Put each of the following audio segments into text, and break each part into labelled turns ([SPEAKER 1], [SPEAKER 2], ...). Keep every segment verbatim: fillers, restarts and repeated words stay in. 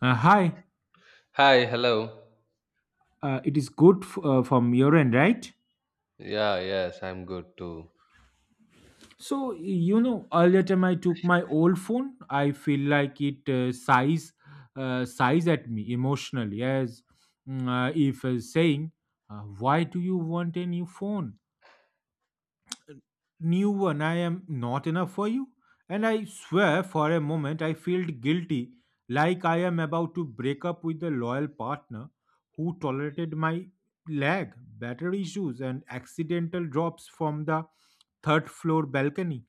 [SPEAKER 1] Uh, hi,
[SPEAKER 2] Hi, hello.
[SPEAKER 1] uh, it is good f- uh, from your end, right?
[SPEAKER 2] Yeah, yes, I'm good too.
[SPEAKER 1] So, you know, earlier time I took my old phone, I feel like it uh, sighs, uh, sighs at me emotionally, as mm, uh, if uh, saying, uh, "Why do you want a new phone? New one. I am not enough for you." And I swear for a moment I felt guilty, like I am about to break up with the loyal partner who tolerated my lag, battery issues, and accidental drops from the third floor balcony.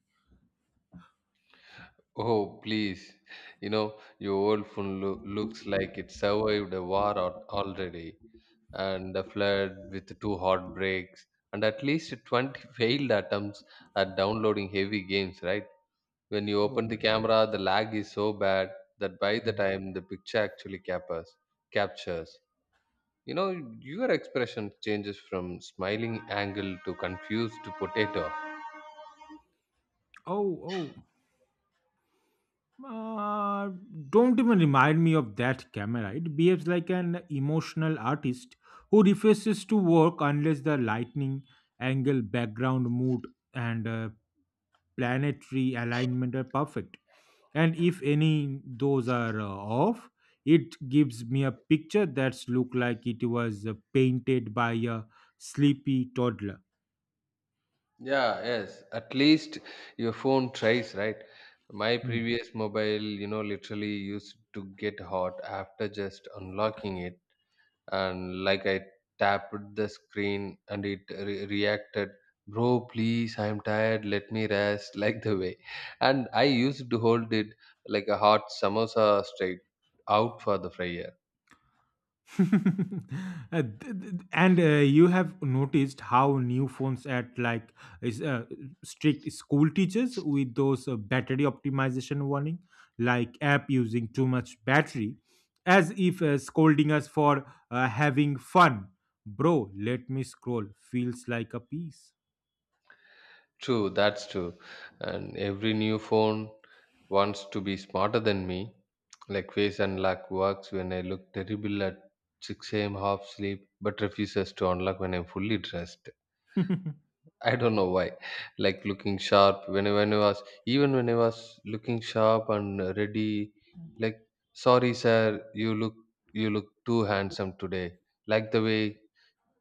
[SPEAKER 2] Oh, please. You know, your old phone loo- looks like it survived a war al- already and a flood with two hot breaks and at least twenty failed attempts at downloading heavy games, right? When you
[SPEAKER 1] Oh
[SPEAKER 2] open
[SPEAKER 1] my
[SPEAKER 2] the camera, the lag is so bad that by
[SPEAKER 1] god.
[SPEAKER 2] the
[SPEAKER 1] Hmm.
[SPEAKER 2] time the picture actually captures, captures. You know, your expression changes from smiling angle to confused to potato.
[SPEAKER 1] Oh, oh. Uh, don't even remind me of that camera. It behaves like an emotional artist who refuses to work unless the lightning, angle, background, mood, and uh, planetary alignment are perfect, and if any those are uh, off it gives me a picture that's look like it was uh, painted by a sleepy toddler.
[SPEAKER 2] Yeah, yes. At least your phone tries, right? My
[SPEAKER 1] Hmm.
[SPEAKER 2] previous mobile, you know, literally used to get hot after just unlocking it. And like I tapped the screen and it re- reacted, bro, please, I'm tired. Let me rest. Like the way. And I used to hold it like a hot samosa straight out for the fryer.
[SPEAKER 1] Uh, th- th- and uh, you have noticed how new phones at like is uh, strict school teachers with those uh, battery optimization warning, like app using too much battery, as if uh, scolding us for uh, having fun. Bro, let me scroll feels like a piece.
[SPEAKER 2] True, that's true. And every new phone wants to be smarter than me. Like face unlock works when I look terrible at six a m half sleep, but refuses to unlock when I'm fully dressed. I don't know why. Like looking sharp when I, when I was even when I was looking sharp and ready. Like sorry, sir, you look you look too handsome today. Like the way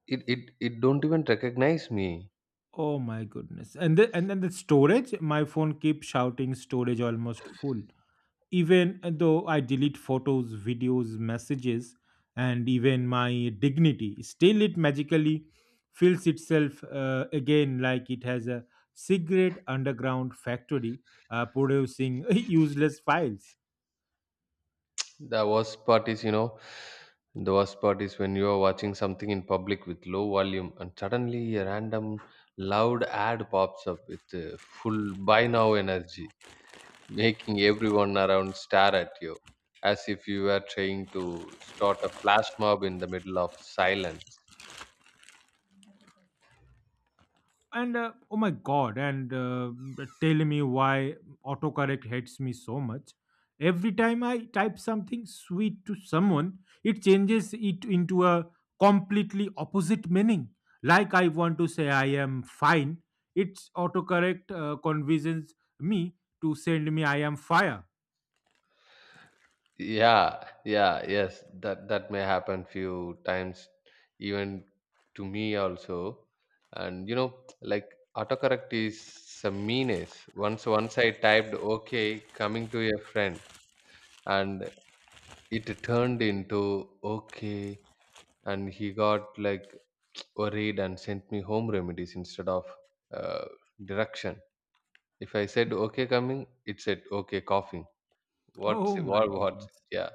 [SPEAKER 2] it it it don't even recognize me.
[SPEAKER 1] Oh my goodness. And the, and then the storage, my phone keeps shouting "storage almost full". Even though I delete photos, videos, messages, and even my dignity, still it magically fills itself uh, again like it has a secret underground factory uh, producing useless files.
[SPEAKER 2] The worst part is, you know, the worst part is when you are watching something in public with low volume and suddenly a random loud ad pops up with uh, full buy now energy, making everyone around stare at you as if you were trying to start a flash mob in the middle of silence.
[SPEAKER 1] And uh, Oh my god, and uh, tell me why autocorrect hates me so much. Every time I type something sweet to someone, it changes it into a completely opposite meaning. Like I want to say "I am fine", its autocorrect uh, convinces me to send me "I am fire".
[SPEAKER 2] yeah yeah yes, that that may happen few times even to me also. And you know, like autocorrect is some meanness. Once once I typed okay coming to a friend, and it turned into okay, and he got like worried and sent me home remedies instead of uh, direction. If I said okay coming, it said okay coughing. What's
[SPEAKER 1] Oh my
[SPEAKER 2] what what
[SPEAKER 1] goodness.
[SPEAKER 2] Yeah.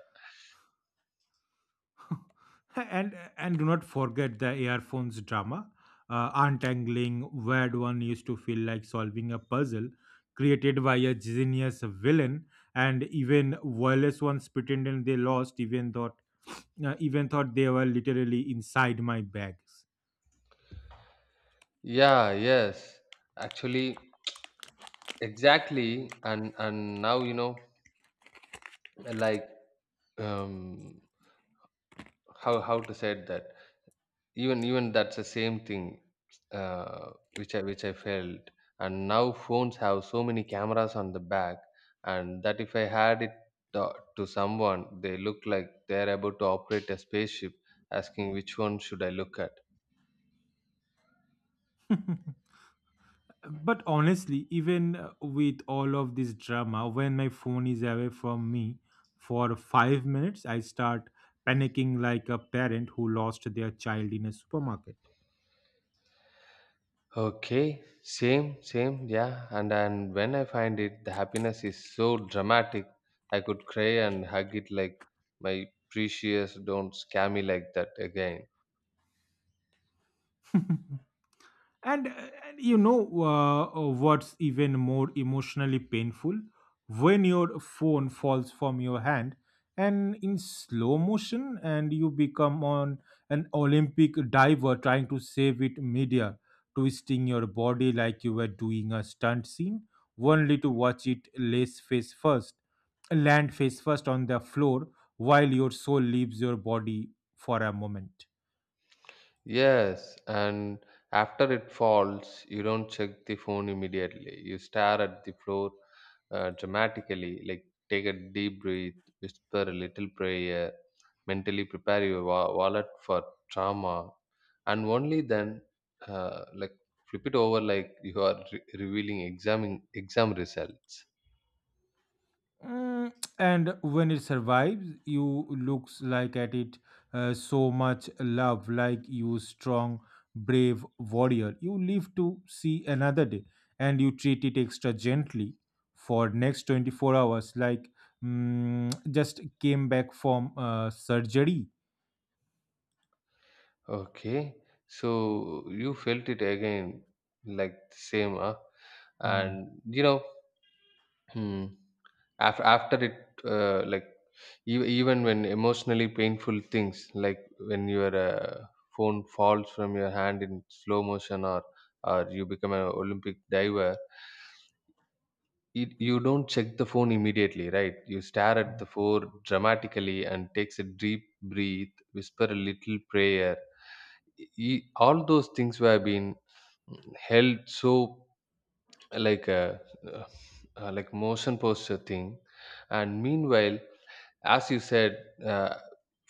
[SPEAKER 1] Huh. And and do not forget the earphones drama. Uh, untangling where one used to feel like solving a puzzle created by a genius villain, and even wireless ones pretending they lost, even thought uh, even thought they were literally inside my bags.
[SPEAKER 2] Yeah, yes. Actually, exactly. And and now you know, like um, how how to say that? Even even that's the same thing, uh, which I which I felt. And now phones have so many cameras on the back, and that if I had it to, to someone, they look like they're about to operate a spaceship, asking which one should I look at.
[SPEAKER 1] But honestly, even uh, with all of this drama, when my phone is away from me for five minutes, I start panicking like a parent who lost their child in a supermarket.
[SPEAKER 2] Okay, same, same, yeah. And and when I find it, the happiness is so dramatic. I could cry and hug it like my precious. Don't scare me like that again.
[SPEAKER 1] And uh, and you know uh, uh, what's even more emotionally painful? When your phone falls from your hand and in slow motion, and you become on an Olympic diver trying to save it media twisting your body like you were doing a stunt scene, only to watch it lace face first, land face first on the floor, while your soul leaves your body for a moment.
[SPEAKER 2] Yes, and after it falls, you don't check the phone immediately. You stare at the floor uh, dramatically, like take a deep breath, whisper a little prayer, mentally prepare your wa- wallet for trauma, and only then, uh, like flip it over, like you are re- revealing exam exam results.
[SPEAKER 1] Mm, and when it survives you looks like at it uh, so much love, like you strong brave warrior, you live to see another day, and you treat it extra gently for next twenty-four hours like mm, just came back from uh, surgery.
[SPEAKER 2] Okay, so you felt it again, like the same, huh?
[SPEAKER 1] Mm.
[SPEAKER 2] And you know. after after it uh, like ev- even when emotionally painful things like when your uh, phone falls from your hand in slow motion, or or you become an Olympic diver, it, you don't check the phone immediately, right? You stare at
[SPEAKER 1] Mm.
[SPEAKER 2] the phone dramatically and takes a deep breath, whisper a little prayer. E- all those things were being held so like a uh, uh, like motion posture thing. And meanwhile, as you said, uh,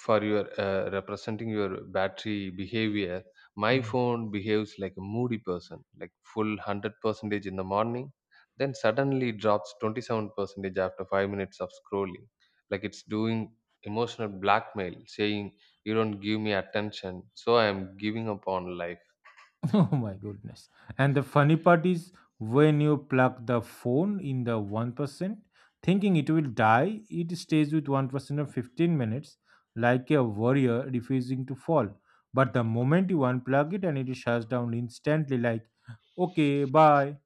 [SPEAKER 2] for your uh, representing your battery behavior, my
[SPEAKER 1] Mm.
[SPEAKER 2] phone behaves like a moody person, like full one hundred percentage in the morning, then suddenly drops twenty seven percentage after five minutes of scrolling, like it's doing emotional blackmail, saying you don't give me attention so I am giving up on life.
[SPEAKER 1] Oh my goodness. And the funny part is when you plug the phone in the one percent, thinking it will die, it stays with one percent of fifteen minutes, like a warrior refusing to fall. But the moment you unplug it and it shuts down instantly, like, okay, bye.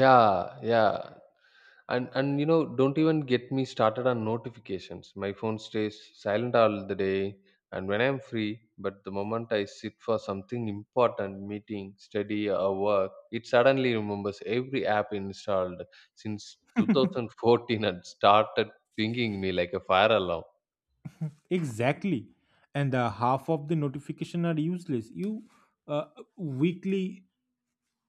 [SPEAKER 2] Yeah, yeah. And and you know, don't even get me started on notifications. My phone stays silent all the day and when I'm free, but the moment I sit for something important, meeting, study or work, it suddenly remembers every app installed since two thousand fourteen and started pinging me like a fire alarm.
[SPEAKER 1] Exactly. And the half of the notification are useless. You uh, Weekly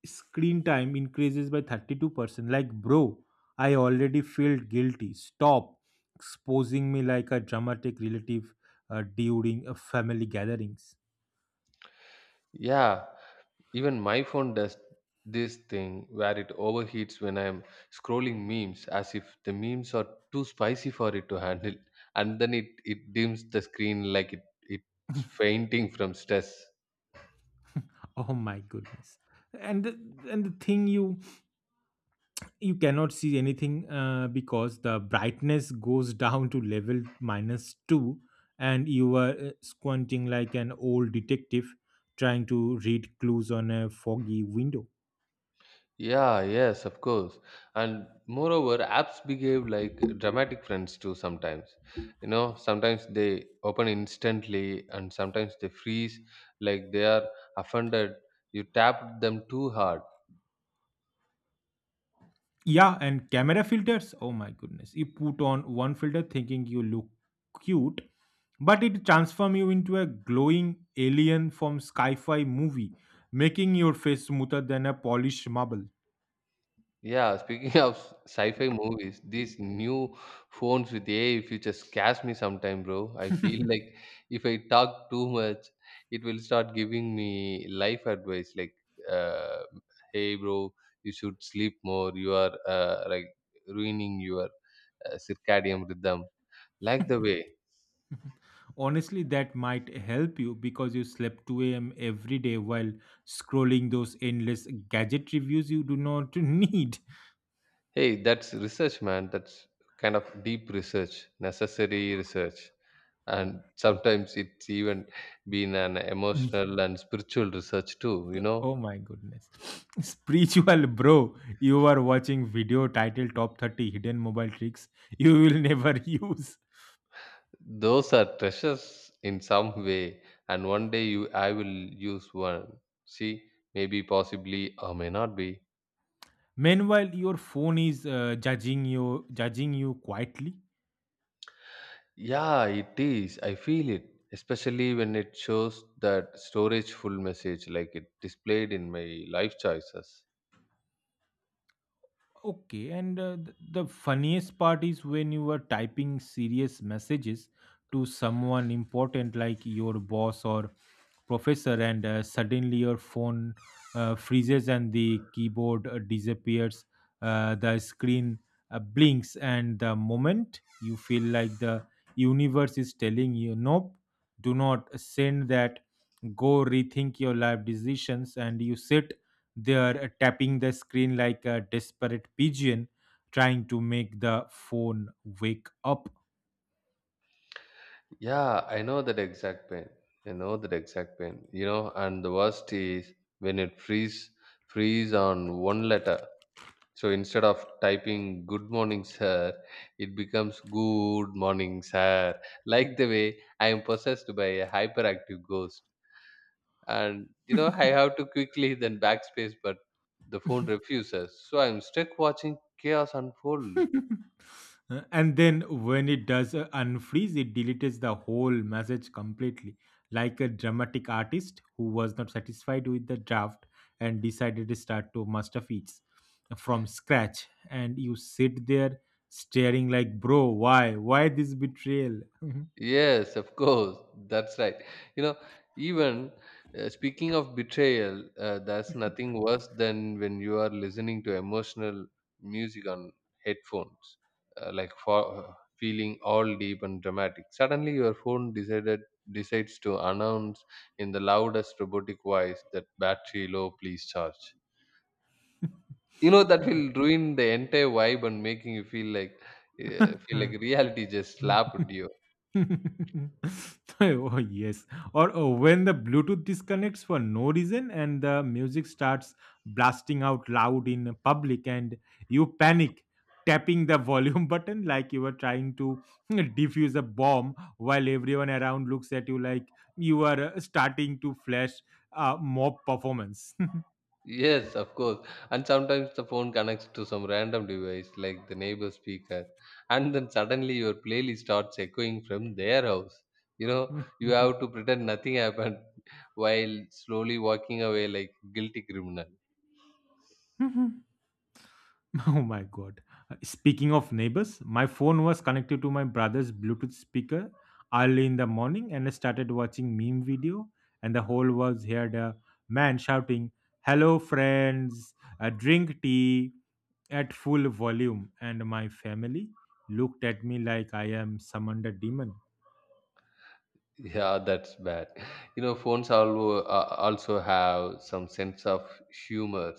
[SPEAKER 1] screen time increases by thirty-two percent. Like, bro, I already felt guilty. Stop exposing me like a dramatic relative uh, during a family gatherings.
[SPEAKER 2] Yeah, even my phone does this thing where it overheats when I'm scrolling memes as if the memes are too spicy for it to handle. And then it, it dims the screen like it, it's fainting from stress.
[SPEAKER 1] Oh my goodness. And the, and the thing you you cannot see anything uh, because the brightness goes down to level minus two, and you are uh, squinting like an old detective trying to read clues on a foggy window.
[SPEAKER 2] Yeah, yes, of course. And moreover, apps behave like dramatic friends too sometimes. You know, sometimes they open instantly and sometimes they freeze like they are offended. You tapped them too hard.
[SPEAKER 1] Yeah, and camera filters. Oh my goodness. You put on one filter thinking you look cute, but it transforms you into a glowing alien from sci-fi movie, making your face smoother than a polished marble.
[SPEAKER 2] Yeah, speaking of sci-fi movies, these new phones with A I features scares me sometime, bro. I feel like if I talk too much, it will start giving me life advice like, uh, "Hey, bro, you should sleep more. You are uh, like ruining your uh, circadian rhythm." Like the way.
[SPEAKER 1] Honestly, that might help you because you slept two a m every day while scrolling those endless gadget reviews you do not need.
[SPEAKER 2] Hey, that's research, man. That's kind of deep research, necessary research. And sometimes it's even been an emotional and spiritual research too, you know.
[SPEAKER 1] Oh my goodness. Spiritual bro, you are watching video titled Top thirty Hidden Mobile Tricks You Will Never Use.
[SPEAKER 2] Those are treasures in some way, and one day you I will use one. See, maybe possibly or may not be.
[SPEAKER 1] Meanwhile, your phone is uh, judging you judging you quietly.
[SPEAKER 2] Yeah, it is. I feel it, especially when it shows that storage full message like it displayed in my life choices.
[SPEAKER 1] Okay, and uh, th- the funniest part is when you are typing serious messages to someone important like your boss or professor, and uh, suddenly your phone uh, freezes and the keyboard uh, disappears, uh, the screen uh, blinks, and the moment you feel like the universe is telling you, "Nope, do not send that, go rethink your life decisions," and you sit they are uh, tapping the screen like a desperate pigeon trying to make the phone wake up.
[SPEAKER 2] Yeah, I know that exact pain. I know that exact pain. You know, and the worst is when it freeze freeze on one letter. So instead of typing good morning sir, it becomes good morning sir. Like the way I am possessed by a hyperactive ghost. And you know, I have to quickly then backspace, but the phone refuses. So I'm stuck watching chaos unfold.
[SPEAKER 1] Uh, and then when it does uh, unfreeze, it deletes the whole message completely, like a dramatic artist who was not satisfied with the draft and decided to start to master feats from scratch. And you sit there staring like, bro, why? Why this betrayal?
[SPEAKER 2] Yes, of course. That's right. You know, even uh, speaking of betrayal, uh, there's nothing worse than when you are listening to emotional music on headphones, uh, like for uh, feeling all deep and dramatic. Suddenly, your phone decided decides to announce in the loudest robotic voice that battery low, please charge. You know that
[SPEAKER 1] But-
[SPEAKER 2] will ruin the entire vibe and making you feel like uh, feel like reality just slapped you.
[SPEAKER 1] oh, yes. Or oh, when the bluetooth disconnects for no reason and the music starts blasting out loud in public, and you panic tapping the volume button like you were trying to defuse a bomb while everyone around looks at you like you are uh, starting to flash a mob performance.
[SPEAKER 2] Yes, of course. And sometimes the phone connects to some random device like the neighbor speaker, and then suddenly your playlist starts echoing from their house. You know, you have to pretend nothing happened while slowly walking away like guilty criminal.
[SPEAKER 1] Oh my god. Uh, Speaking of neighbors, my phone was connected to my brother's Bluetooth speaker early in the morning and I started watching meme video and the whole was heard a man shouting, "Hello friends, uh, drink tea," at full volume and my family looked at me like I am summoned a demon.
[SPEAKER 2] Yeah, that's bad. You know, phones also uh, also have some sense of humor.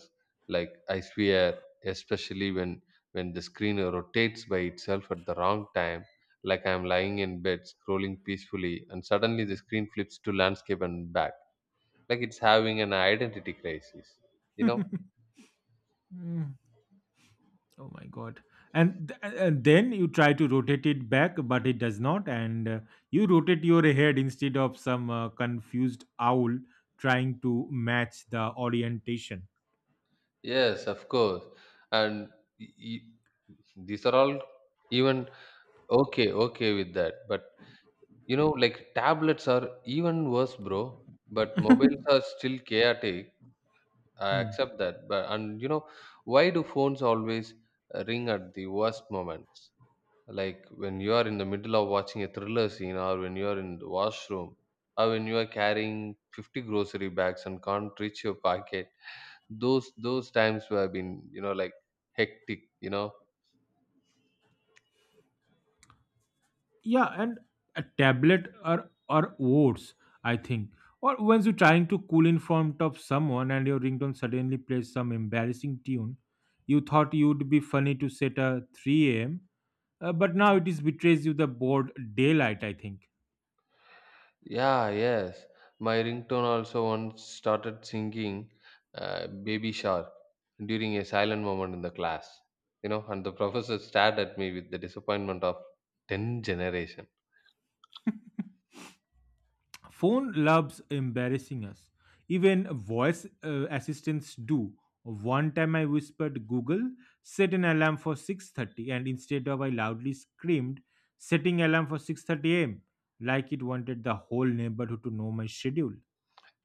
[SPEAKER 2] Like I swear, especially when when the screen rotates by itself at the wrong time. Like I'm lying in bed scrolling peacefully, and suddenly the screen flips to landscape and back. Like it's having an identity crisis. You know?
[SPEAKER 1] Mm. Oh my god! And th- and then you try to rotate it back, but it does not, and uh, you rotate your head instead of some uh, confused owl trying to match the orientation.
[SPEAKER 2] Yes, of course. And y- y- these are all even okay, okay with that, but you know, like tablets are even worse, bro. But mobiles are still chaotic. I
[SPEAKER 1] Hmm.
[SPEAKER 2] accept that. But and you know, why do phones always uh, ring at the worst moments? Like when you are in the middle of watching a thriller scene, or when you are in the washroom, or when you are carrying fifty grocery bags and can't reach your pocket. Those those times have been you know like hectic. You know,
[SPEAKER 1] Yeah, and a tablet or or words, I think. Or once you're trying to cool in front of someone and your ringtone suddenly plays some embarrassing tune, you thought you'd be funny to set a three a m, uh, but now it is betrays you the bored daylight, I think.
[SPEAKER 2] yeah, yes. My ringtone also once started singing uh, Baby Shark during a silent moment in the class. You know, and the professor stared at me with the disappointment of ten generation.
[SPEAKER 1] Phone loves embarrassing us. Even voice uh, assistants do. One time I whispered, "Google, set an alarm for six thirty," and instead of I loudly screamed, "setting alarm for six thirty a m," like it wanted the whole neighborhood to know my schedule.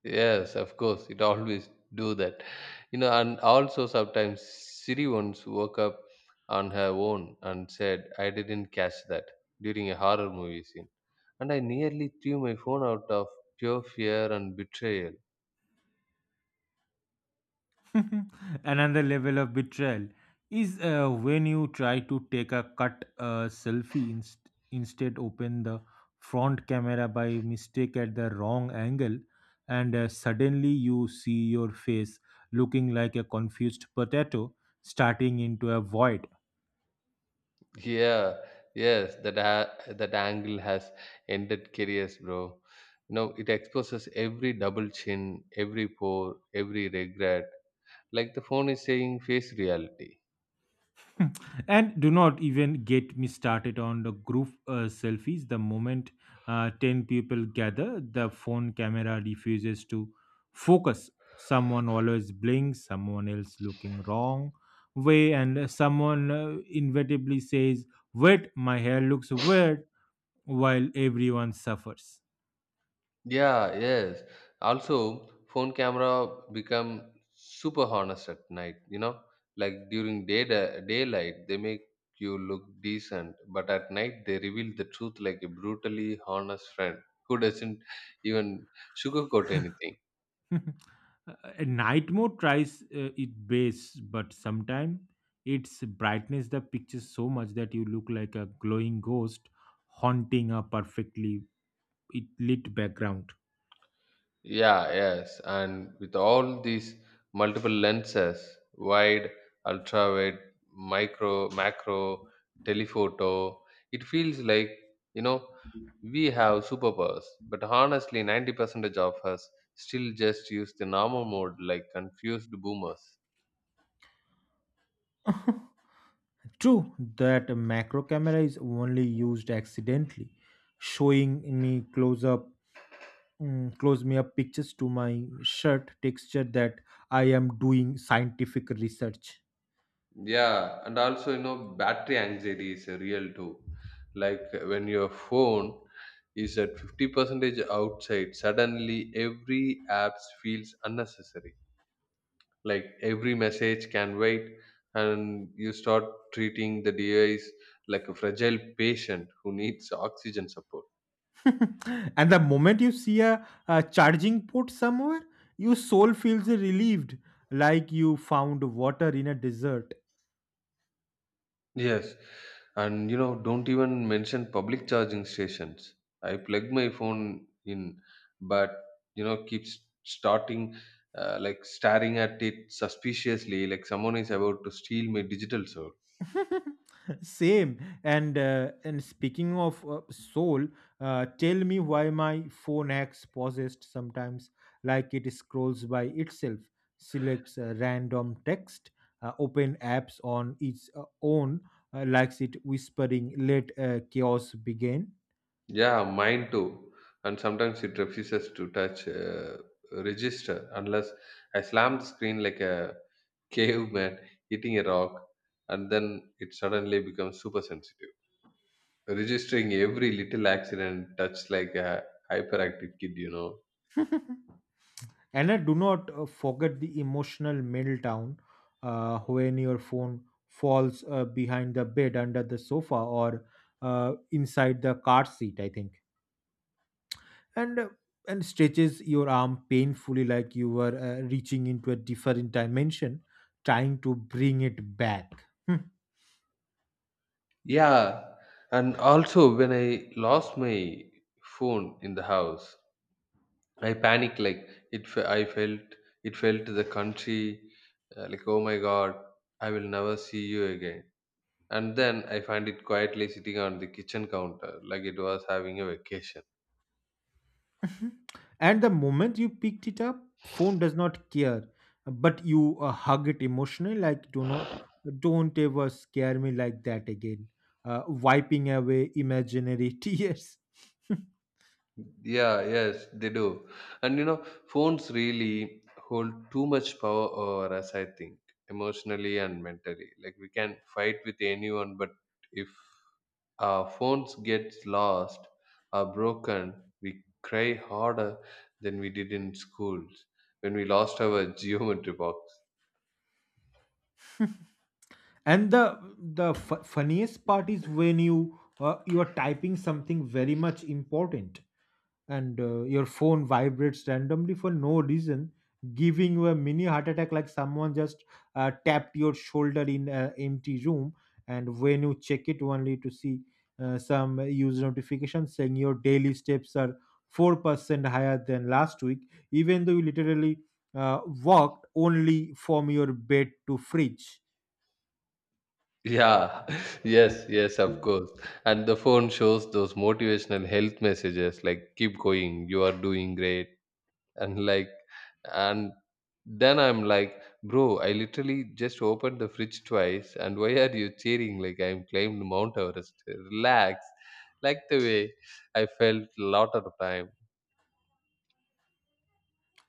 [SPEAKER 2] Yes, of course, it always do that. You know, and also sometimes Siri once woke up on her own and said, I didn't catch that during a horror movie scene. And I nearly threw my phone out of pure fear and betrayal.
[SPEAKER 1] Another level of betrayal is uh, when you try to take a cut uh, selfie inst- instead open the front camera by mistake at the wrong angle, and uh, suddenly you see your face looking like a confused potato starting into a void.
[SPEAKER 2] Yeah, yes, that a- that angle has ended careers, bro. No, it exposes every double chin, every pore, every regret. Like the phone is saying, face reality.
[SPEAKER 1] And do not even get me started on the group uh, selfies. The moment uh, ten people gather, the phone camera refuses to focus. Someone always blinks, someone else looking wrong way, and someone uh, inevitably says, "Wait, my hair looks weird," while everyone suffers.
[SPEAKER 2] Yeah, yes. Also, phone camera become super honest at night. You know, like during day daylight, they make you look decent, but at night they reveal the truth like a brutally honest friend who doesn't even sugarcoat anything.
[SPEAKER 1] A night mode tries uh, its best, but sometimes its brightness the picture so much that you look like a glowing ghost haunting a perfectly it- lit background.
[SPEAKER 2] Yeah, yes. And with all these multiple lenses, wide, ultra wide, micro, macro, telephoto, it feels like, you know, we have superpowers. But honestly, ninety percent of us still just use the normal mode like confused boomers.
[SPEAKER 1] True that a macro camera is only used accidentally, showing me close up, mm, close me up pictures to my shirt texture that I am doing scientific research.
[SPEAKER 2] Yeah, and also, you know, battery anxiety is a real too. Like when your phone is at fifty percentage outside, suddenly every apps feels unnecessary. Like every message can wait, and you start treating the device like a fragile patient who needs oxygen support.
[SPEAKER 1] And the moment you see a, a charging port somewhere, your soul feels relieved, like you found water in a desert.
[SPEAKER 2] Yes, and you know, don't even mention public charging stations. I plug my phone in, but you know, keeps starting uh, like staring at it suspiciously, like someone is about to steal my digital soul.
[SPEAKER 1] Same. And uh, and speaking of uh, soul, uh, tell me why my phone acts possessed sometimes, like it scrolls by itself, selects a random text, uh, open apps on its uh, own, uh, likes it whispering, "Let uh, chaos begin."
[SPEAKER 2] Yeah, mine too. And sometimes it refuses to touch uh, register unless I slam the screen like a caveman hitting a rock, and then it suddenly becomes super sensitive. Registering every little accident touch like a hyperactive kid you know
[SPEAKER 1] And I do not uh, forget the emotional meltdown uh, when your phone falls uh, behind the bed, under the sofa, or uh, inside the car seat, I think. And uh, and stretches your arm painfully like you were uh, reaching into a different dimension, trying to bring it back.
[SPEAKER 2] Yeah, and also when I lost my phone in the house, I panicked like it fe- I felt it felt the country, uh, like, oh my god, I will never see you again. And then I find it quietly sitting on the kitchen counter like it was having a vacation.
[SPEAKER 1] And the moment you picked it up phone does not care, but you uh, hug it emotionally like, do not "Don't ever scare me like that again," uh, wiping away imaginary tears.
[SPEAKER 2] Yeah, yes, they do. And you know, phones really hold too much power over us, I think, emotionally and mentally. Like we can fight with anyone, but if our phones get lost or broken, we cry harder than we did in schools when we lost our geometry box.
[SPEAKER 1] And the the f- funniest part is when you uh, you are typing something very much important, and uh, your phone vibrates randomly for no reason, giving you a mini heart attack like someone just uh, tapped your shoulder in an empty room. And when you check it only to see uh, some user notification saying your daily steps are four percent higher than last week, even though you literally uh, walked only from your bed to fridge.
[SPEAKER 2] Yeah, yes, yes, of course. And the phone shows those motivational health messages like keep going, you are doing great and like and then I'm like, bro, I literally just opened the fridge twice and why are you cheering like I'm climbed Mount Everest? Relax. Like the way I felt a lot of the time.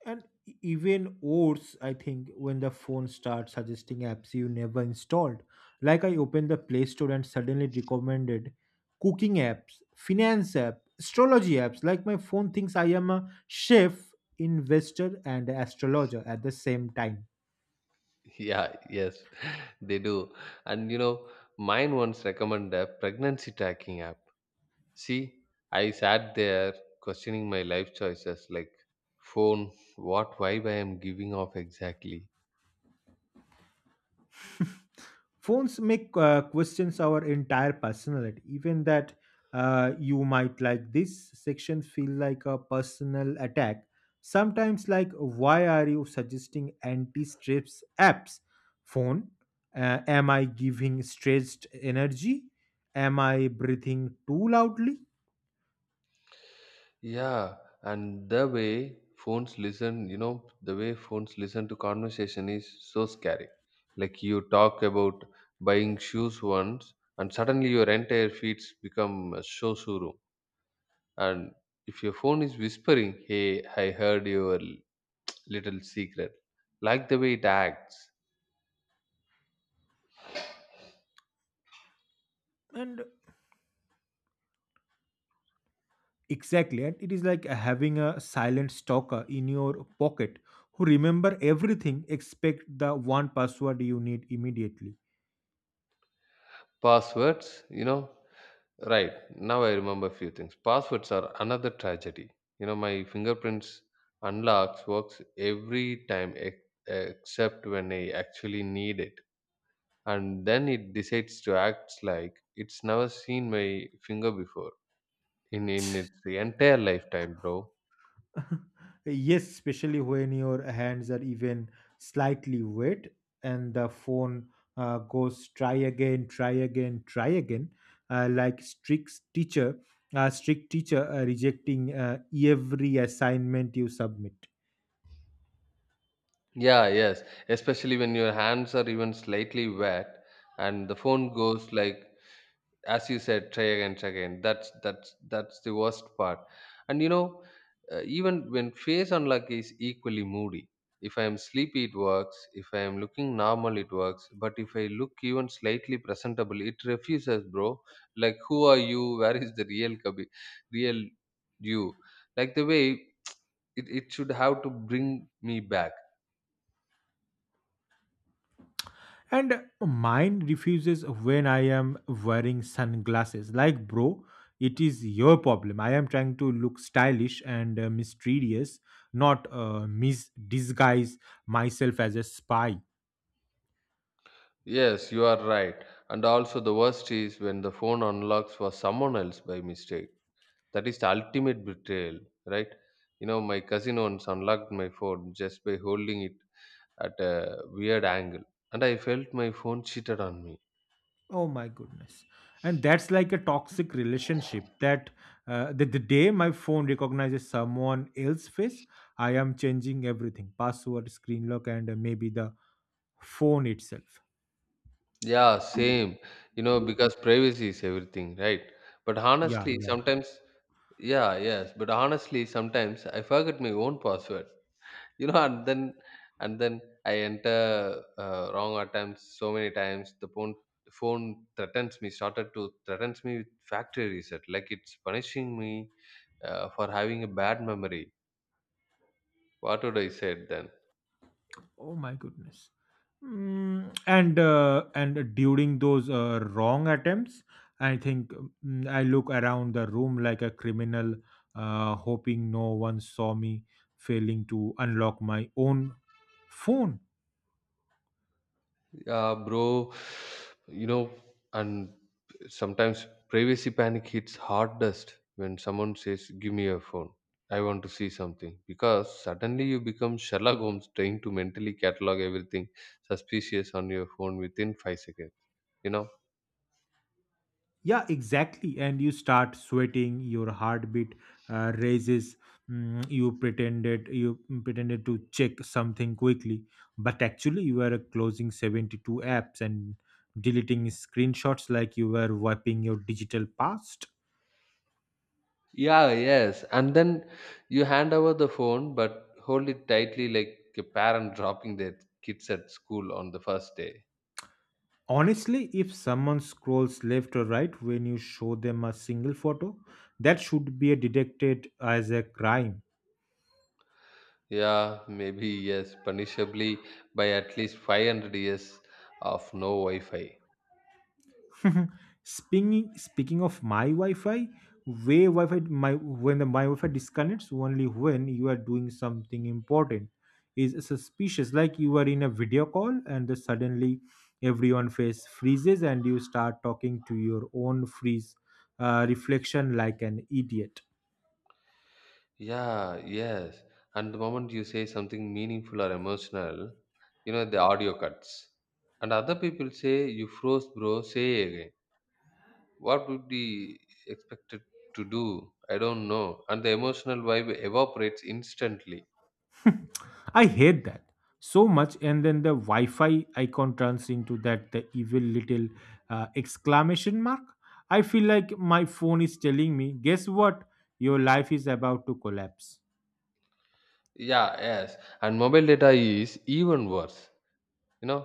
[SPEAKER 1] And e- even worse, I think, when the phone starts suggesting apps you never installed. Like I opened the Play Store and suddenly recommended cooking apps, finance app, astrology apps. Like my phone thinks I am a chef, investor, and astrologer at the same time.
[SPEAKER 2] Yeah, yes, they do. And you know, mine once recommended a pregnancy tracking app. See, I sat there questioning my life choices like, phone, what vibe I am giving off exactly?
[SPEAKER 1] Phones make uh, questions our entire personality, even that uh, you might like this section feel like a personal attack. Sometimes, like, why are you suggesting anti-stress apps? Phone, uh, am I giving stretched energy? Am I breathing too loudly?
[SPEAKER 2] Yeah, and the way phones listen, you know, the way phones listen to conversation is so scary. Like you talk about buying shoes once, and suddenly your entire feeds become a show showroom. And if your phone is whispering, "Hey, I heard your l- little secret," like the way it acts.
[SPEAKER 1] And exactly, and it is like having a silent stalker in your pocket who remember everything except the one password you need immediately.
[SPEAKER 2] Passwords, you know. Right. Now I remember few things. Passwords are another tragedy. You know, my fingerprints unlocks works every time ex- except when I actually need it. And then it decides to act like it's never seen my finger before in, in its entire lifetime, bro.
[SPEAKER 1] Yes, especially when your hands are even slightly wet and the phone uh, goes try again, try again, try again, uh, like strict teacher, uh, strict teacher uh, rejecting uh, every assignment you submit.
[SPEAKER 2] Yeah, yes. Especially when your hands are even slightly wet and the phone goes like, as you said, try again, try again. That's that's that's the worst part. And you know, uh, even when face unlock is equally moody, if I am sleepy it works, if I am looking normal it works, but if I look even slightly presentable it refuses, bro. Like who are you? Where is the real kabi, real you? Like the way it, it should have to bring me back.
[SPEAKER 1] And mine refuses when I am wearing sunglasses. Like, bro, it is your problem. I am trying to look stylish and uh, mysterious, not uh, mis- disguise myself as a spy.
[SPEAKER 2] Yes, you are right. And also the worst is when the phone unlocks for someone else by mistake. That is the ultimate betrayal, right? You know, my cousin once unlocked my phone just by holding it at a weird angle, and I felt my phone cheated on me.
[SPEAKER 1] Oh my goodness. And that's like a toxic relationship that uh, the, the day my phone recognizes someone else's face, I am changing everything password, screen lock, and uh, maybe the phone itself.
[SPEAKER 2] Yeah, same. You know, because privacy is everything, right? But
[SPEAKER 1] Yeah,
[SPEAKER 2] honestly,
[SPEAKER 1] yeah.
[SPEAKER 2] sometimes, yeah, yes. But honestly, sometimes I forget my own password. You know, and then and then I enter uh, wrong attempts so many times. The phone phone threatens me, started to threatens me with factory reset, like it's punishing me uh, for having a bad memory. What would I said then?
[SPEAKER 1] Oh my goodness. Mm, and uh, and during those uh, wrong attempts, I think mm, I look around the room like a criminal, uh, hoping no one saw me failing to unlock my own phone.
[SPEAKER 2] Yeah, bro, you know, and sometimes privacy panic hits hardest when someone says, "Give me your phone. I want to see something." Because suddenly you become Sherlock Holmes, trying to mentally catalog everything suspicious on your phone within five seconds. You know.
[SPEAKER 1] Yeah, exactly. And you start sweating, your heartbeat uh, raises. Mm, you pretended you pretended to check something quickly, but actually you were closing seventy-two apps and deleting screenshots like you were wiping your digital past.
[SPEAKER 2] Yeah, yes. And then you hand over the phone, but hold it tightly like a parent dropping their kids at school on the first day.
[SPEAKER 1] Honestly, if someone scrolls left or right when you show them a single photo, that should be detected as a crime.
[SPEAKER 2] Yeah, maybe yes, punishably by at least five hundred years of no Wi Fi.
[SPEAKER 1] Speaking speaking of my Wi-Fi, way Wi-Fi my when the my Wi-Fi disconnects only when you are doing something important is suspicious. Like you are in a video call and then suddenly everyone face freezes and you start talking to your own freeze uh, reflection like an idiot.
[SPEAKER 2] Yeah, yes. And the moment you say something meaningful or emotional, you know, the audio cuts. And other people say, you froze, bro, say again. What would be expected to do? I don't know. And the emotional vibe evaporates instantly.
[SPEAKER 1] I hate that so much. And then the Wi Fi icon turns into that the evil little uh, exclamation mark. I feel like my phone is telling me, "guess what? Your life is about to collapse."
[SPEAKER 2] Yeah, yes. And mobile data is even worse. You know,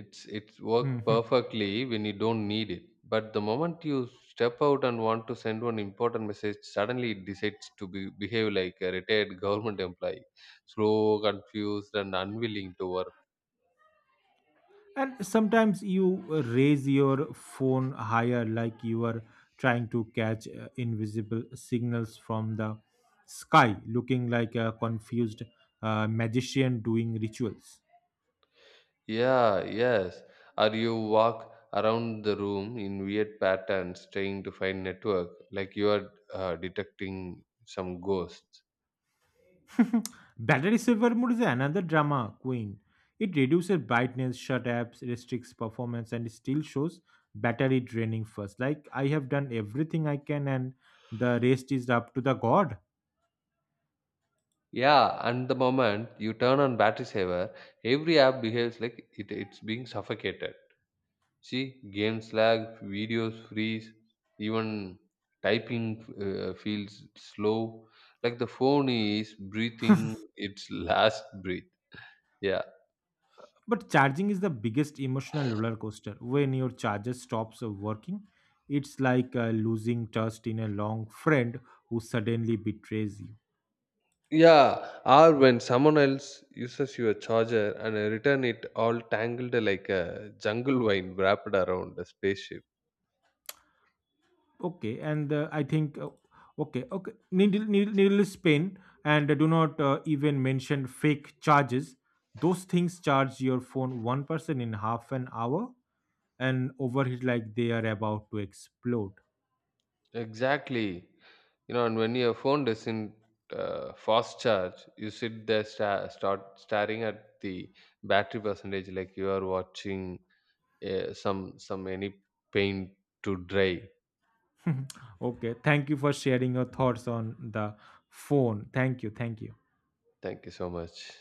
[SPEAKER 2] it's it's work
[SPEAKER 1] Mhm.
[SPEAKER 2] perfectly when you don't need it, but the moment you step out and want to send one important message, suddenly it decides to be, behave like a retired government employee, slow, confused and unwilling to work.
[SPEAKER 1] And sometimes you uh, raise your phone higher, like you are trying to catch uh, invisible signals from the sky, looking like a confused uh, magician doing rituals.
[SPEAKER 2] Yeah, yes. Or you walk around the room in weird patterns trying to find network like you are uh, detecting some ghosts.
[SPEAKER 1] Battery saver mode is another drama queen. It reduces brightness, shut apps, restricts performance, and still shows battery draining first. Like I have done everything I can, and the rest is up to the god.
[SPEAKER 2] Yeah, and the moment you turn on battery saver, every app behaves like it, it's being suffocated. See, games lag, videos freeze, even typing uh, feels slow. Like the phone is breathing its last breath. Yeah.
[SPEAKER 1] But charging is the biggest emotional roller coaster. When your charger stops working, it's like uh, losing trust in a long friend who suddenly betrays you.
[SPEAKER 2] Yeah, or when someone else uses your charger and I return it all tangled like a jungle vine wrapped around a spaceship.
[SPEAKER 1] Okay, and uh, I think uh, okay, okay, needle, needle, needless pain, and uh, do not uh, even mention fake charges. Those things charge your phone one percent in half an hour and overheat like they are about to explode.
[SPEAKER 2] Exactly. You know, and when your phone doesn't uh, fast charge, you sit there sta- start staring at the battery percentage like you are watching eh, some some any paint to dry.
[SPEAKER 1] Okay, thank you for sharing your thoughts on the phone. Thank you, thank you.
[SPEAKER 2] Thank you so much.